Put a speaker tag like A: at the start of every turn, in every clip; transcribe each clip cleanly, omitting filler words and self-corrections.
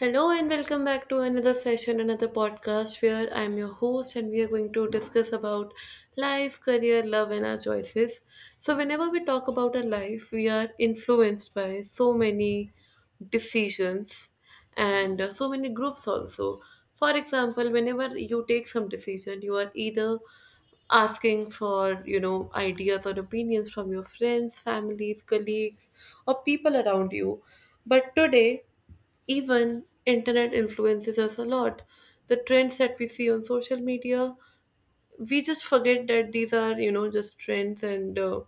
A: Hello and welcome back to another session, another podcast where I'm your host and we are going to discuss about life, career, love, and our choices. So, whenever we talk about our life, we are influenced by so many decisions and so many groups also. For example, whenever you take some decision, you are either asking for ideas or opinions from your friends, families, colleagues, or people around you. But today even internet influences us a lot. The trends that we see on social media, we just forget that these are just trends and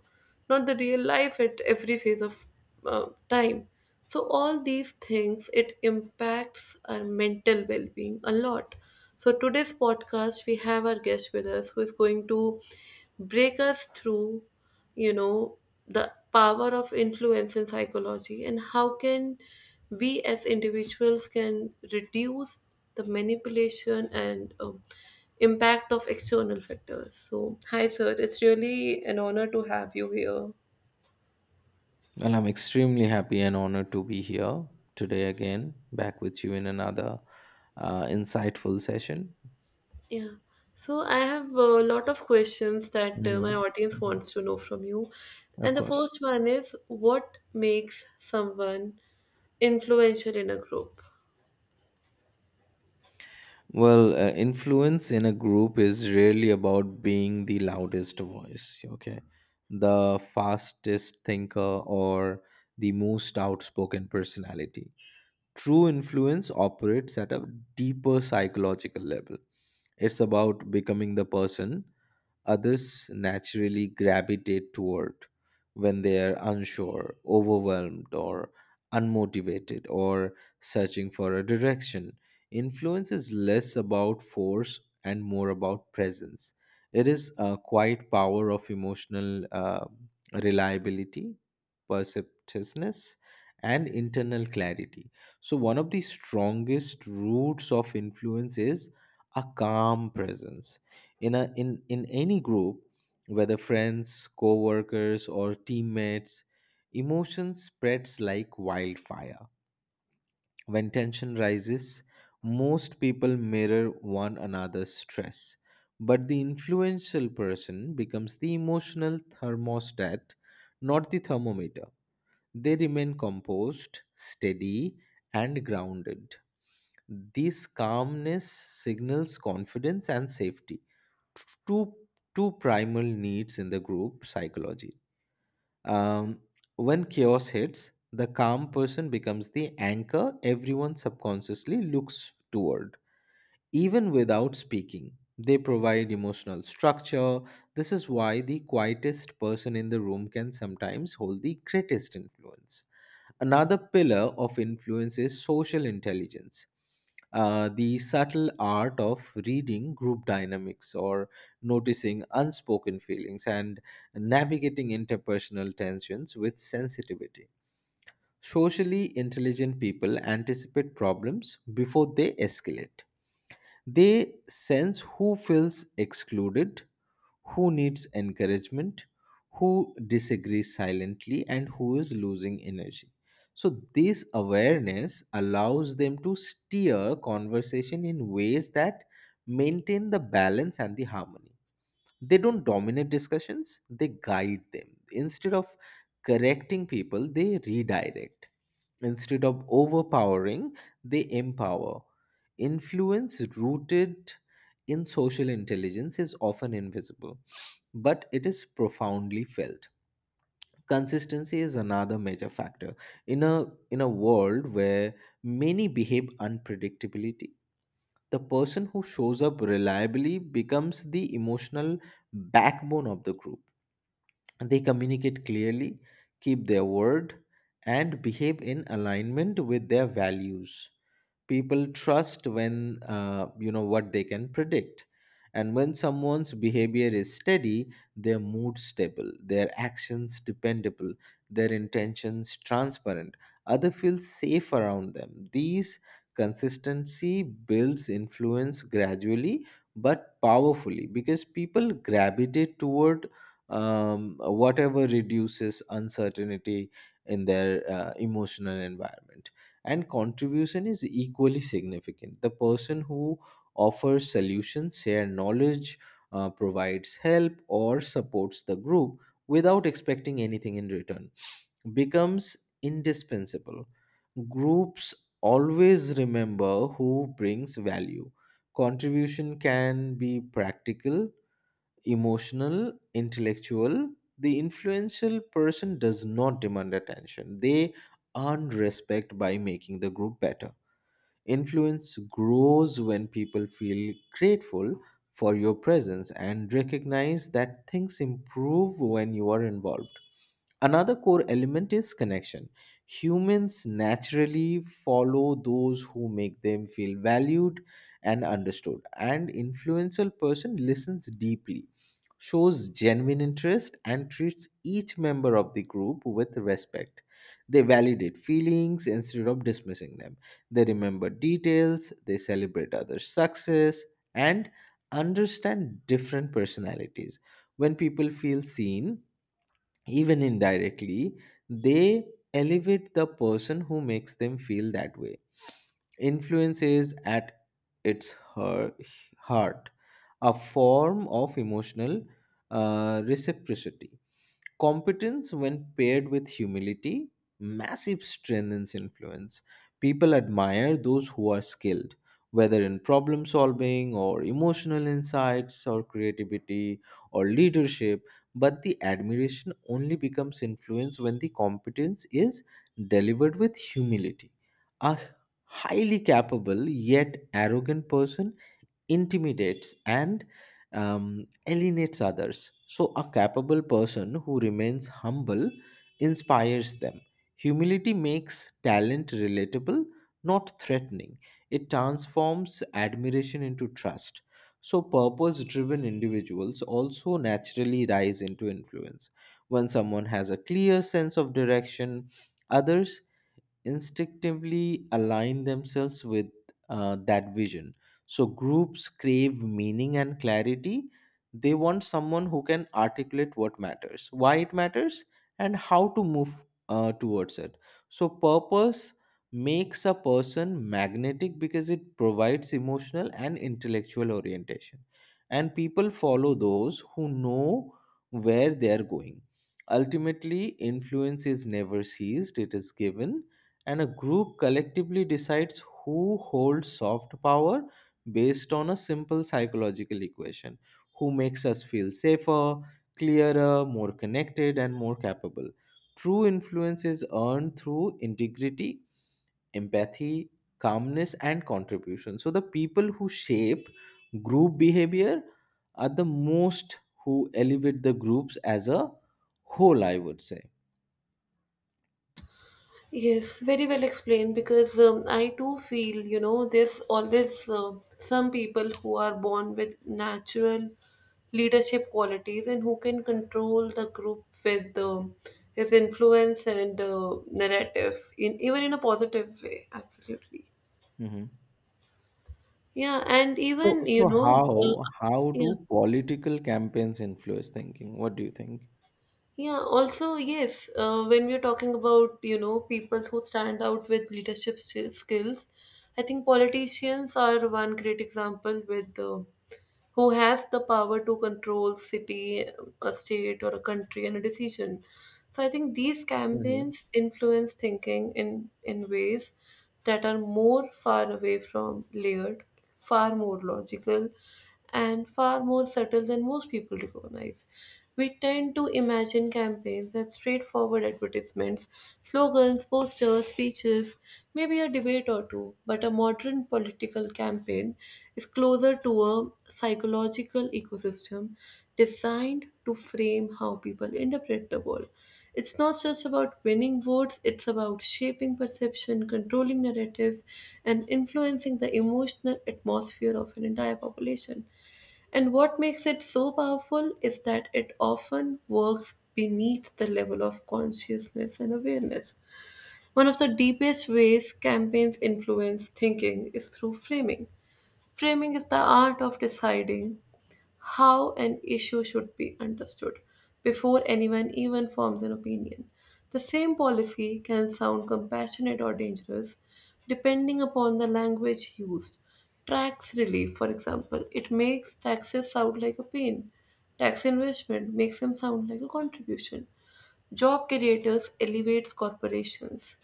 A: not the real life at every phase of time. So all these things, it impacts our mental well-being a lot. So today's podcast, we have our guest with us who is going to break us through, you know the power of influence in psychology, and how can we as individuals can reduce the manipulation and impact of external factors. So hi sir, it's really an honor to have you here.
B: Well, I'm extremely happy and honored to be here today again, back with you in another insightful session.
A: Yeah, so I have a lot of questions that my
B: hmm
A: audience wants to know from you,
B: Of
A: and the
B: course.
A: first one is, what makes someone influential in a group?
B: Well, influence in a group is really about being the loudest voice, okay? The fastest thinker or the most outspoken personality. True influence operates at a deeper psychological level. It's about becoming the person others naturally gravitate toward when they are unsure, overwhelmed, or unmotivated, or searching for a direction. Influence is less about force and more about presence. It is a quiet power of emotional reliability, perceptiveness, and internal clarity. So, one of the strongest roots of influence is a calm presence in a in in any group, whether friends, co-workers, or teammates. Emotion spreads like wildfire. When tension rises, most people mirror one another's stress, but the influential person becomes the emotional thermostat, not the thermometer. They remain composed, steady, and grounded. This calmness signals confidence and safety, two, two primal needs in the group psychology. Um, when chaos hits, the calm person becomes the anchor everyone subconsciously looks toward, even without speaking. They provide emotional structure. This is why the quietest person in the room can sometimes hold the greatest influence. Another pillar of influence is social intelligence, the subtle art of reading group dynamics or noticing unspoken feelings and navigating interpersonal tensions with sensitivity. Socially intelligent people anticipate problems before they escalate. They sense who feels excluded, who needs encouragement, who disagrees silently, and who is losing energy. So, this awareness allows them to steer conversation in ways that maintain the balance and the harmony. They don't dominate discussions, they guide them. Instead of correcting people, they redirect. Instead of overpowering, they empower. Influence rooted in social intelligence is often invisible, but it is profoundly felt. Consistency is another major factor. In a world where many behave unpredictably, the person who shows up reliably becomes the emotional backbone of the group. They communicate clearly, keep their word, and behave in alignment with their values. People trust when you know what they can predict, and when someone's behavior is steady, their mood stable, their actions dependable, their intentions transparent, other feel safe around them. These consistency builds influence gradually but powerfully, because people gravitate toward whatever reduces uncertainty in their emotional environment. And contribution is equally significant. The person who offers solutions, share knowledge, provides help, or supports the group without expecting anything in return becomes indispensable. Groups always remember who brings value. Contribution can be practical, emotional, intellectual. The influential person does not demand attention. They earn respect by making the group better. Influence grows when people feel grateful for your presence and recognize that things improve when you are involved. Another core element is connection. Humans naturally follow those who make them feel valued and understood. An influential person listens deeply, shows genuine interest, and treats each member of the group with respect. They validate feelings instead of dismissing them. They remember details, they celebrate others' success, and understand different personalities. When people feel seen, even indirectly, they elevate the person who makes them feel that way. Influence is at its heart a form of emotional reciprocity. Competence, when paired with humility, massive strengthens influence. People admire those who are skilled, whether in problem solving or emotional insights or creativity or leadership, but the admiration only becomes influence when the competence is delivered with humility. A highly capable yet arrogant person intimidates and alienates others. So, a capable person who remains humble inspires them. Humility makes talent relatable, not threatening. It transforms admiration into trust. So, purpose driven individuals also naturally rise into influence. When someone has a clear sense of direction, others instinctively align themselves with that vision. So, groups crave meaning and clarity. They want someone who can articulate what matters, why it matters, and how to move towards it. So, purpose makes a person magnetic because it provides emotional and intellectual orientation. And people follow those who know where they are going. Ultimately, influence is never seized, it is given, and a group collectively decides who holds soft power based on a simple psychological equation: who makes us feel safer, clearer, more connected, and more capable. True influence is earned through integrity, empathy, calmness, and contribution. So, the people who shape group behavior are the most who elevate the groups as a whole, I would say.
A: Yes, very well explained, because I too feel, there's always some people who are born with natural leadership qualities and who can control the group with his influence and narrative, in even in a positive way. Absolutely.
B: Mhm.
A: Yeah, and
B: So,
A: even,
B: so how how
A: yeah.
B: do political campaigns influence thinking? What do you think?
A: Yeah, also, yes, when we're talking about, people who stand out with leadership skills, I think politicians are one great example with, who has the power to control city, a state or a country and a decision. So I think these
B: hmm
A: campaigns influence thinking in ways that are more far away from layered, far more logical, and far more subtle than most people recognize. We tend to imagine campaigns as straightforward advertisements, slogans, posters, speeches, maybe a debate or two, but a modern political campaign is closer to a psychological ecosystem designed to frame how people interpret the world. It's not just about winning votes, it's about shaping perception, controlling narratives, and influencing the emotional atmosphere of an entire population. And what makes it so powerful is that it often works beneath the level of consciousness and awareness. One of the deepest ways campaigns influence thinking is through framing. Framing is the art of deciding how an issue should be understood before anyone even forms an opinion. The same policy can sound compassionate or dangerous depending upon the language used. Tax relief, for example, it makes taxes sound like a pain. Tax investment makes them sound like a contribution. Job creators elevates corporations.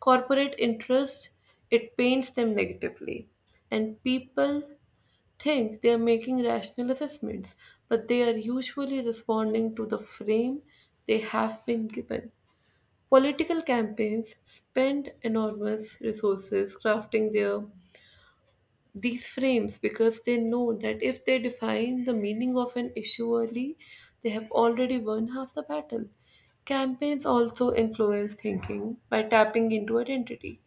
A: Corporate interest, it paints them negatively. And people think they are making rational assessments, but they are usually responding to the frame they have been given. Political campaigns spend enormous resources crafting their these frames, because they know that if they define the meaning of an issue early, they have already won half the battle. Campaigns also influence thinking by tapping into identity.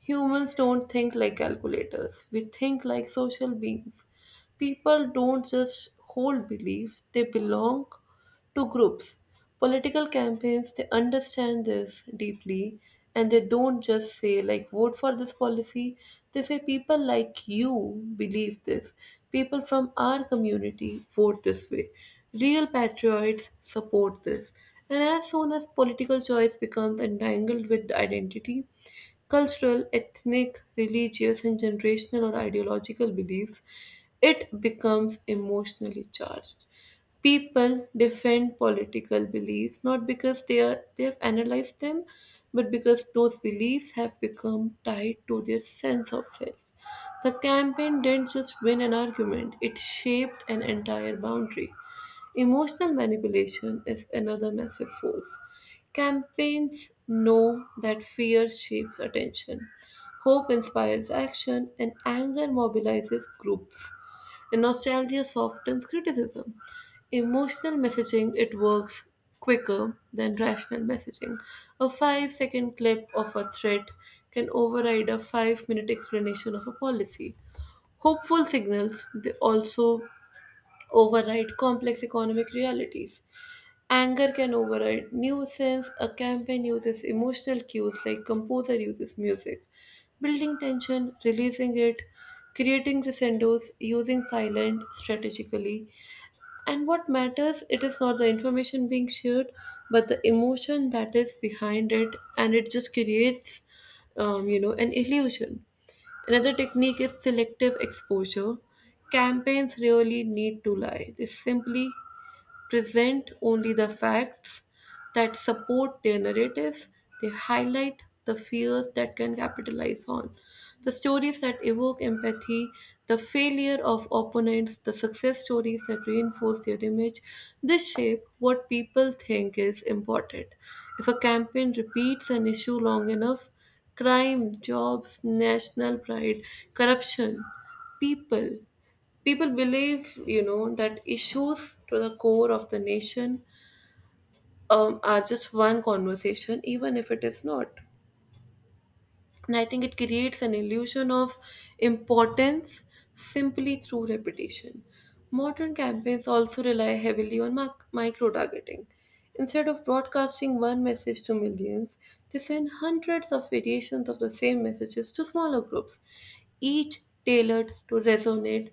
A: Humans don't think like calculators, we think like social beings. People don't just hold belief, they belong to groups. Political campaigns, they understand this deeply, and they don't just say, like, vote for this policy. They say, people like you believe this. People from our community vote this way. Real patriots support this. And as soon as political choice becomes entangled with identity, cultural, ethnic, religious, and generational or ideological beliefs, it becomes emotionally charged. People defend political beliefs not because they have analyzed them, but because those beliefs have become tied to their sense of self. The campaign didn't just win an argument, it shaped an entire boundary. Emotional manipulation is another massive force. Campaigns know that fear shapes attention, hope inspires action, and anger mobilizes groups. And nostalgia softens criticism. Emotional messaging, it works quicker than rational messaging. A 5-second clip of a threat can override a 5-minute explanation of a policy. Hopeful signals, they also override complex economic realities. Anger can override nuisance. A campaign uses emotional cues like composer uses music, building tension, releasing it, creating crescendos, using silent strategically. And what matters, it is not the information being shared, but the emotion that is behind it, and it just creates, an illusion. Another technique is selective exposure. Campaigns really need to lie. They simply present only the facts that support their narratives. They highlight the fears that can capitalize on. The stories that evoke empathy, the failure of opponents, the success stories that reinforce their image, this shape what people think is important. If a campaign repeats an issue long enough, crime, jobs, national pride, corruption, people people believe that issues to the core of the nation are just one conversation, even if it is not. And I think it creates an illusion of importance simply through repetition. Modern campaigns also rely heavily on micro targeting. Instead of broadcasting one message to millions, they send hundreds of variations of the same messages to smaller groups, each tailored to resonate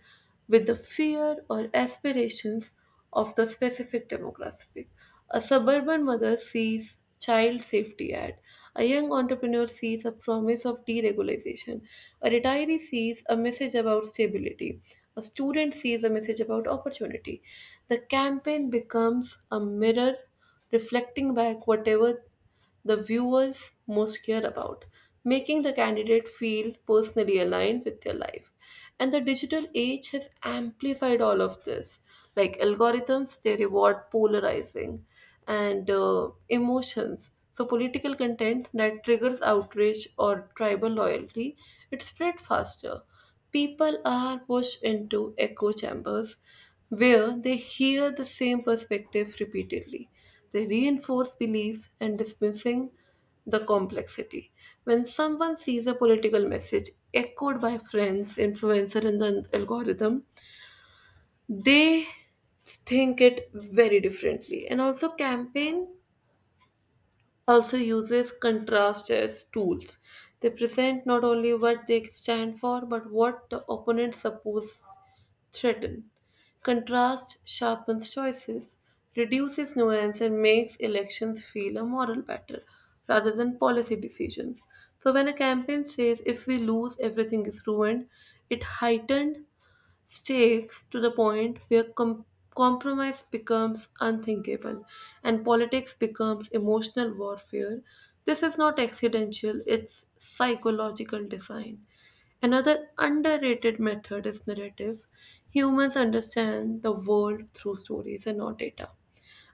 A: with the fear or aspirations of the specific demographic. A suburban mother sees child safety ad. A young entrepreneur sees a promise of deregulation. A retiree sees a message about stability. A student sees a message about opportunity. The campaign becomes a mirror reflecting back whatever the viewers most care about, making the candidate feel personally aligned with their life. And the digital age has amplified all of this. Like algorithms, they reward polarizing and emotions. So political content that triggers outrage or tribal loyalty, it spread faster. People are pushed into echo chambers where they hear the same perspective repeatedly. They reinforce beliefs and dismissing the complexity. When someone sees a political message echoed by friends, influencer, and the algorithm, they think it very differently. And also, campaign also uses contrast as tools. They present not only what they stand for, but what the opponent suppose threaten. Contrast sharpens choices, reduces nuance, and makes elections feel a moral battle rather than policy decisions. So, when a campaign says if we lose, everything is ruined, it heightened stakes to the point where compromise becomes unthinkable, and politics becomes emotional warfare. This is not accidental, it's psychological design. Another underrated method is narrative. Humans understand the world through stories and not data.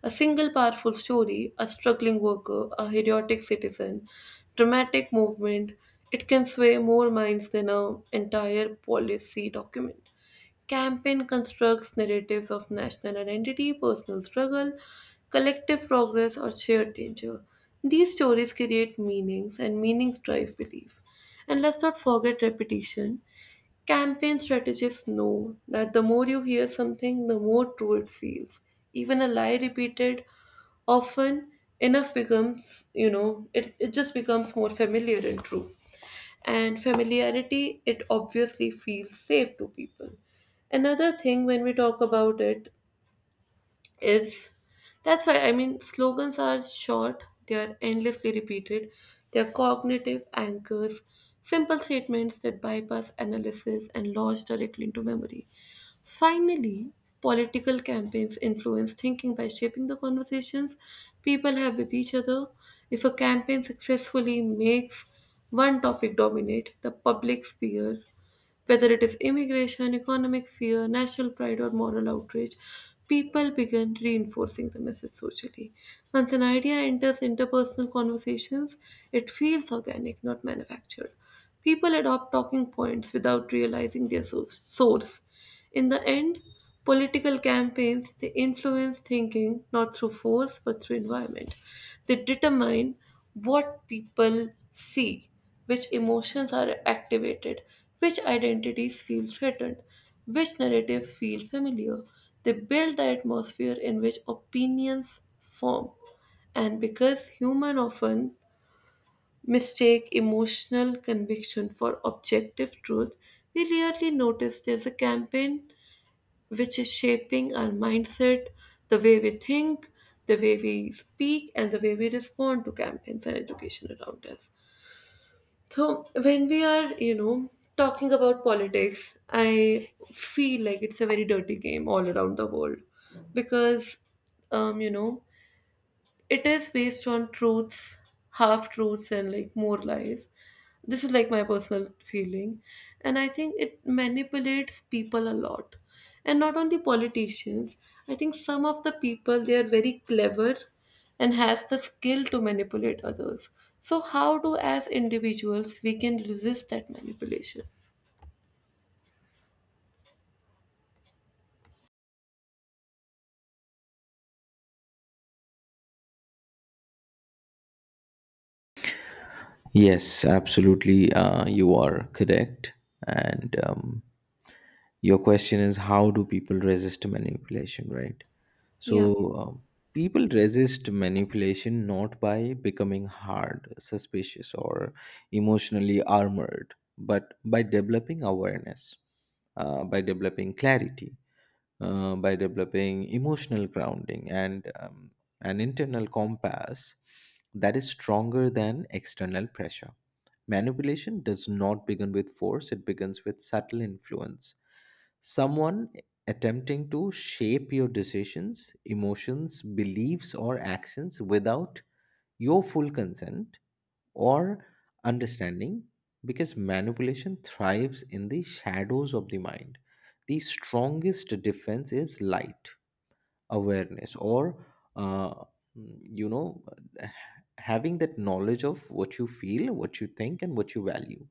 A: A single powerful story, a struggling worker, a heroic citizen, dramatic movement, it can sway more minds than an entire policy document. Campaign constructs narratives of national identity, personal struggle, collective progress, or shared danger. These stories create meanings, and meanings drive belief. And let's not forget repetition. Campaign strategists know that the more you hear something, the more true it feels. Even a lie repeated often enough becomes, it just becomes more familiar and true, and familiarity, it obviously feels safe to people. Another thing when we talk about it is, that's why, I mean, slogans are short, they are endlessly repeated, they are cognitive anchors, simple statements that bypass analysis and lodge directly into memory. Finally, political campaigns influence thinking by shaping the conversations people have with each other. If a campaign successfully makes one topic dominate the public sphere, whether it is immigration, economic fear, national pride, or moral outrage, people begin reinforcing the message socially. Once an idea enters interpersonal conversations, it feels organic, not manufactured. People adopt talking points without realizing their source. In the end, political campaigns, they influence thinking not through force but through environment. They determine what people see, which emotions are activated, which identities feel threatened, which narratives feel familiar. They build the atmosphere in which opinions form. And because human often mistake emotional conviction for objective truth, we rarely notice there's a campaign which is shaping our mindset, the way we think, the way we speak, and the way we respond to campaigns and education around us. So, when we are, talking about politics, I feel like it's a very dirty game all around the world, because, um, you know, it is based on truths, half truths, and like more lies. This is like my personal feeling, and I think it manipulates people a lot, and not only politicians. I think some of the people, they are very clever and has the skill to manipulate others. So how do as individuals we can resist that manipulation?
B: Yes, absolutely. You are correct. And your question is how do people resist manipulation, right?
A: Yeah.
B: So, um, people resist manipulation not by becoming hard, suspicious, or emotionally armored, but by developing awareness, by developing clarity, by developing emotional grounding and an internal compass that is stronger than external pressure. Manipulation does not begin with force, it begins with subtle influence. Someone attempting to shape your decisions, emotions, beliefs, or actions without your full consent or understanding, because manipulation thrives in the shadows of the mind. The strongest defense is light, awareness, or uh, you know, having that knowledge of what you feel, what you think, and what you value.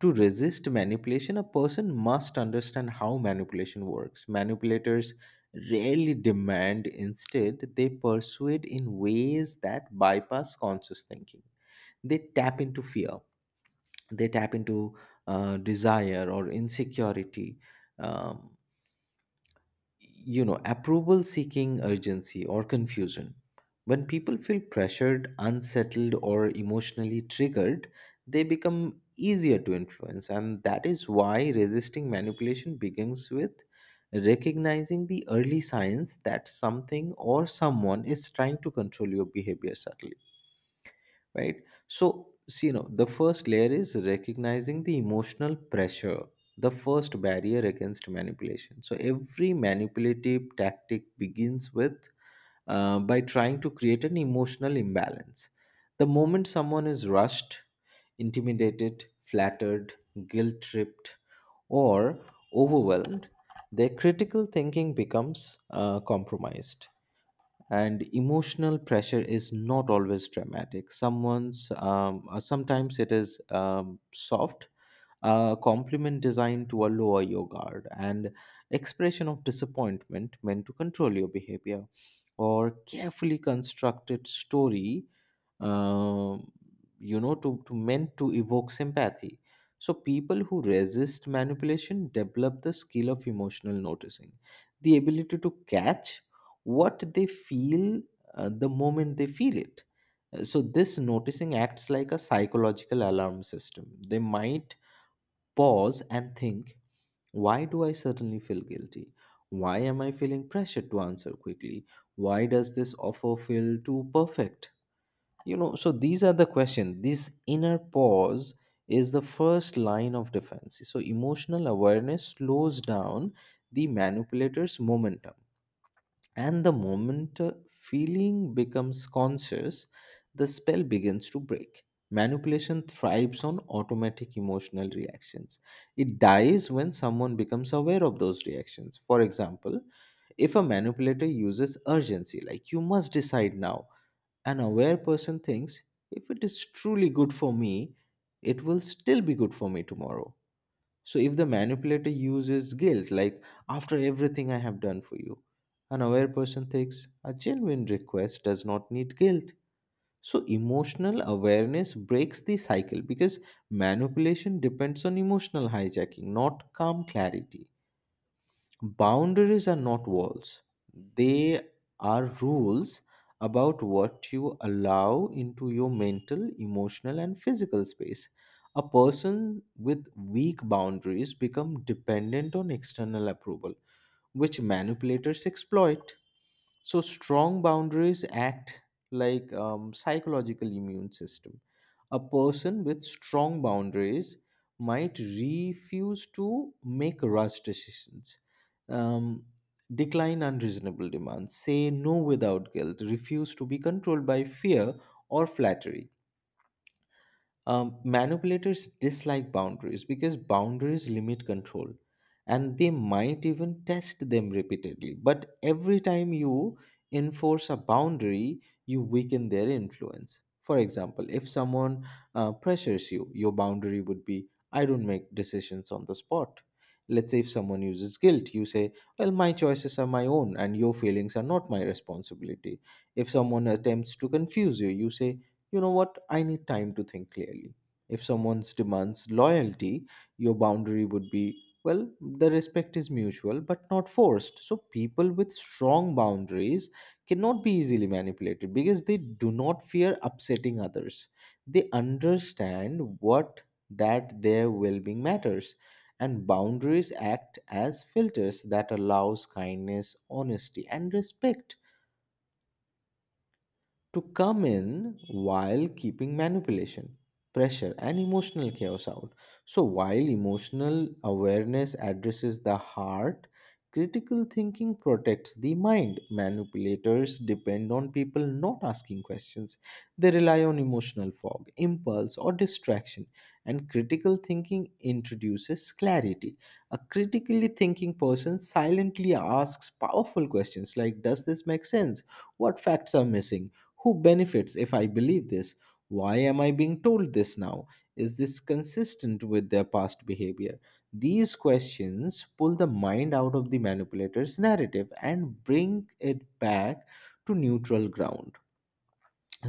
B: To resist manipulation, a person must understand how manipulation works. Manipulators rarely demand, instead, they persuade in ways that bypass conscious thinking. They tap into fear, they tap into desire or insecurity, um, you know, approval seeking, urgency, or confusion. When people feel pressured, unsettled, or emotionally triggered, they become easier to influence. And that is why resisting manipulation begins with recognizing the early signs that something or someone is trying to control your behavior subtly. Right, so, see, you know, the first layer is recognizing the emotional pressure, the first barrier against manipulation. So every manipulative tactic begins with by trying to create an emotional imbalance. The moment someone is rushed, intimidated, flattered, guilt tripped, or overwhelmed, their critical thinking becomes compromised. And emotional pressure is not always dramatic. Someone's Sometimes it is soft, a compliment designed to lower your guard, and expression of disappointment meant to control your behavior, or carefully constructed story um, you know, to meant to evoke sympathy. So people who resist manipulation develop the skill of emotional noticing, the ability to catch what they feel the moment they feel it. So this noticing acts like a psychological alarm system. They might pause and think, why do I suddenly feel guilty? Why am I feeling pressured to answer quickly? Why does this offer feel too perfect? You know, so these are the questions. This inner pause is the first line of defense. So emotional awareness slows down the manipulator's momentum. And the moment feeling becomes conscious, the spell begins to break. Manipulation thrives on automatic emotional reactions. It dies when someone becomes aware of those reactions. For example, if a manipulator uses urgency, like you must decide now, an aware person thinks if it is truly good for me, it will still be good for me tomorrow. So if the manipulator uses guilt, like after everything I have done for you, an aware person thinks a genuine request does not need guilt. So emotional awareness breaks the cycle, because manipulation depends on emotional hijacking, not calm clarity. Boundaries are not walls, they are rules about what you allow into your mental, emotional, and physical space. A person with weak boundaries become dependent on external approval, which manipulators exploit. So strong boundaries act like psychological immune system. A person with strong boundaries might refuse to make rash decisions, um, decline unreasonable demands, say no without guilt, refuse to be controlled by fear or flattery. Manipulators dislike boundaries because boundaries limit control, and they might even test them repeatedly. But every time you enforce a boundary, you weaken their influence. For example, if someone pressures you, your boundary would be, I don't make decisions on the spot. Let's say if someone uses guilt, you say, well, my choices are my own and your feelings are not my responsibility. If someone attempts to confuse you, you say, you know what, I need time to think clearly. If someone demands loyalty, your boundary would be, well, the respect is mutual but not forced. So people with strong boundaries cannot be easily manipulated because they do not fear upsetting others. They understand what that their well-being matters, and boundaries act as filters that allows kindness, honesty, and respect to come in while keeping manipulation, pressure, and emotional chaos out. So, while emotional awareness addresses the heart, critical thinking protects the mind. Manipulators depend on people not asking questions, they rely on emotional fog, impulse, or distraction. And critical thinking introduces clarity. A critically thinking person silently asks powerful questions like, does this make sense? What facts are missing? Who benefits if I believe this? Why am I being told this now? Is this consistent with their past behavior? These questions pull the mind out of the manipulator's narrative and bring it back to neutral ground.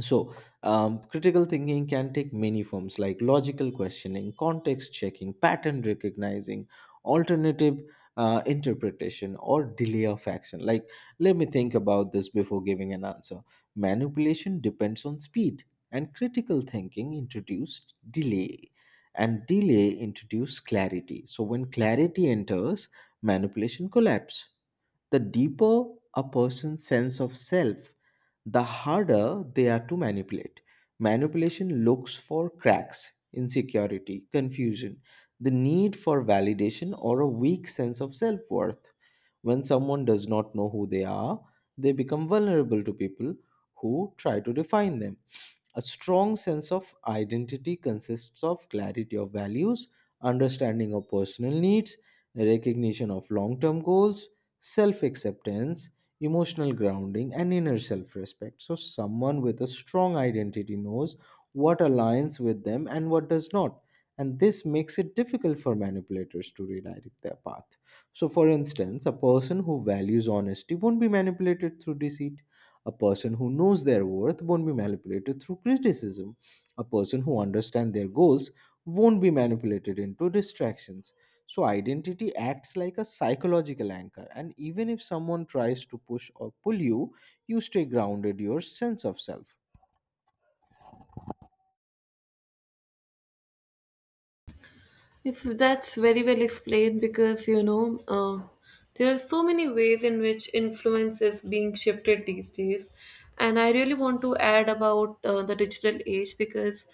B: so, Critical thinking can take many forms, like logical questioning, context checking, pattern recognizing, alternative interpretation, or delay of action. Like, let me think about this before giving an answer. Manipulation depends on speed, and critical thinking introduced delay, and delay introduced clarity. So, when clarity enters, manipulation collapse. The deeper a person's sense of self, the harder they are to manipulate. Manipulation looks for cracks, insecurity, confusion, the need for validation, or a weak sense of self worth. When someone does not know who they are, they become vulnerable to people who try to define them. A strong sense of identity consists of clarity of values, understanding of personal needs, recognition of long term goals, self acceptance, emotional grounding, and inner self respect. So, someone with a strong identity knows what aligns with them and what does not. And this makes it difficult for manipulators to redirect their path. So, for instance, a person who values honesty won't be manipulated through deceit. A person who knows their worth won't be manipulated through criticism. A person who understands their goals won't be manipulated into distractions. So, identity acts like a psychological anchor, and even if someone tries to push or pull you, you stay grounded your sense of self.
A: If that's very well explained, because there are so many ways in which influence is being shifted these days, and I really want to add about the digital age, because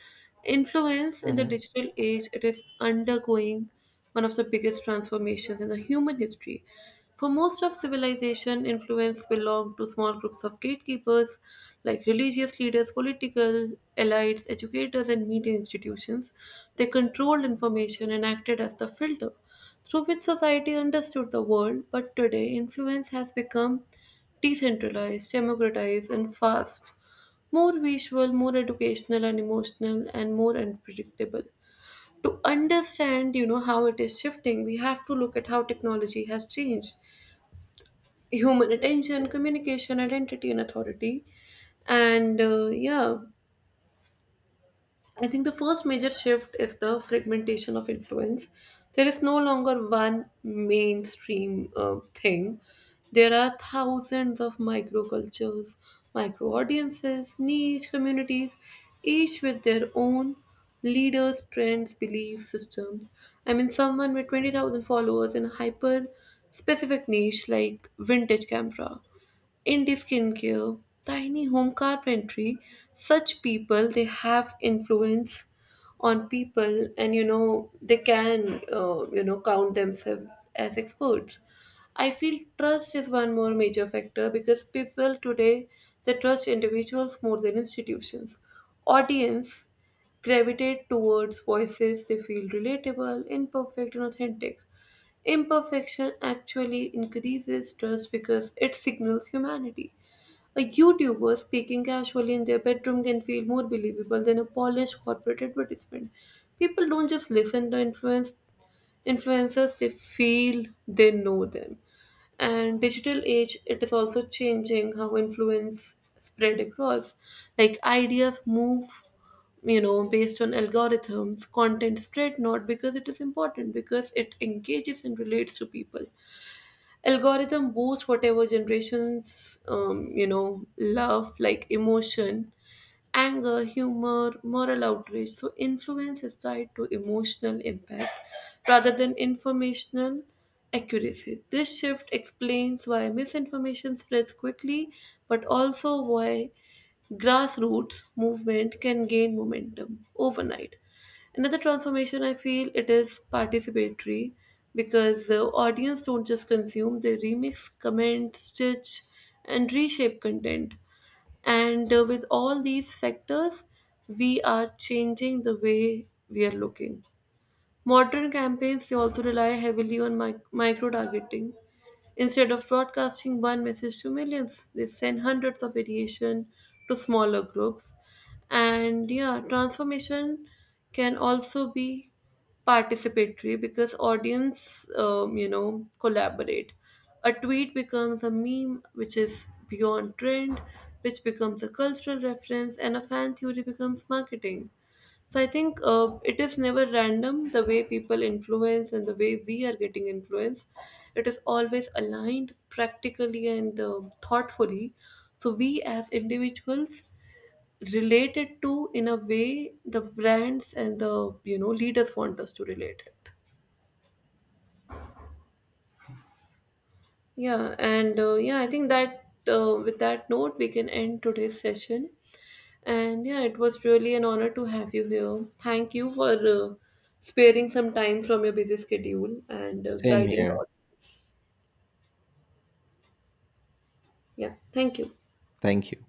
A: influence in the
B: Mhm.
A: digital age, it is undergoing one of the biggest transformations in the human history. For most of civilization, influence belonged to small groups of gatekeepers like religious leaders, political elites, educators, and media institutions. They controlled information and acted as the filter through which society understood the world, but today influence has become decentralized, democratized, and fast, more visual, more educational and emotional, and more unpredictable. To understand how it is shifting, we have to look at how technology has changed human attention, communication, identity, and authority. And yeah, I think the first major shift is the fragmentation of influence. There is no longer one mainstream thing. There are thousands of microcultures, micro audiences, niche communities, each with their own leaders, trends, belief systems. I mean, someone with 20,000 followers in a hyper specific niche like vintage camera, indie skincare, tiny home carpentry. Such people, they have influence on people, and you know they can, count themselves as experts. I feel trust is one more major factor, because people today, they trust individuals more than institutions. Audience gravitate towards voices they feel relatable, imperfect, and authentic. Imperfection actually increases trust because it signals humanity. A YouTuber speaking casually in their bedroom can feel more believable than a polished corporate advertisement. People don't just listen to influence, influencers, they feel they know them. And digital age, it is also changing how influence spread across. Like, ideas move based on algorithms. Content spread not because it is important, because it engages and relates to people. Algorithm boosts whatever generations love, like emotion, anger, humor, moral outrage. So influence is tied to emotional impact rather than informational accuracy. This shift explains why misinformation spreads quickly, but also why grassroots movement can gain momentum overnight. Another transformation I feel, it is participatory, because the audience don't just consume, they remix, comment, stitch, and reshape content. And with all these factors, we are changing the way we are looking. Modern campaigns, they also rely heavily on micro targeting. Instead of broadcasting one message to millions, they send hundreds of variation to smaller groups. And yeah, transformation can also be participatory, because audience, collaborate. A tweet becomes a meme, which is beyond trend, which becomes a cultural reference, and a fan theory becomes marketing. So I think, it is never random the way people influence and the way we are getting influenced. It is always aligned practically and thoughtfully. So we as individuals related to in a way the brands and the leaders want us to relate it. Yeah, and I think that, with that note, we can end today's session. And yeah, it was really an honor to have you here. Thank you for sparing some time from your busy schedule and
B: Same
A: guiding the
B: here.
A: audience. Yeah, thank you.
B: Thank you.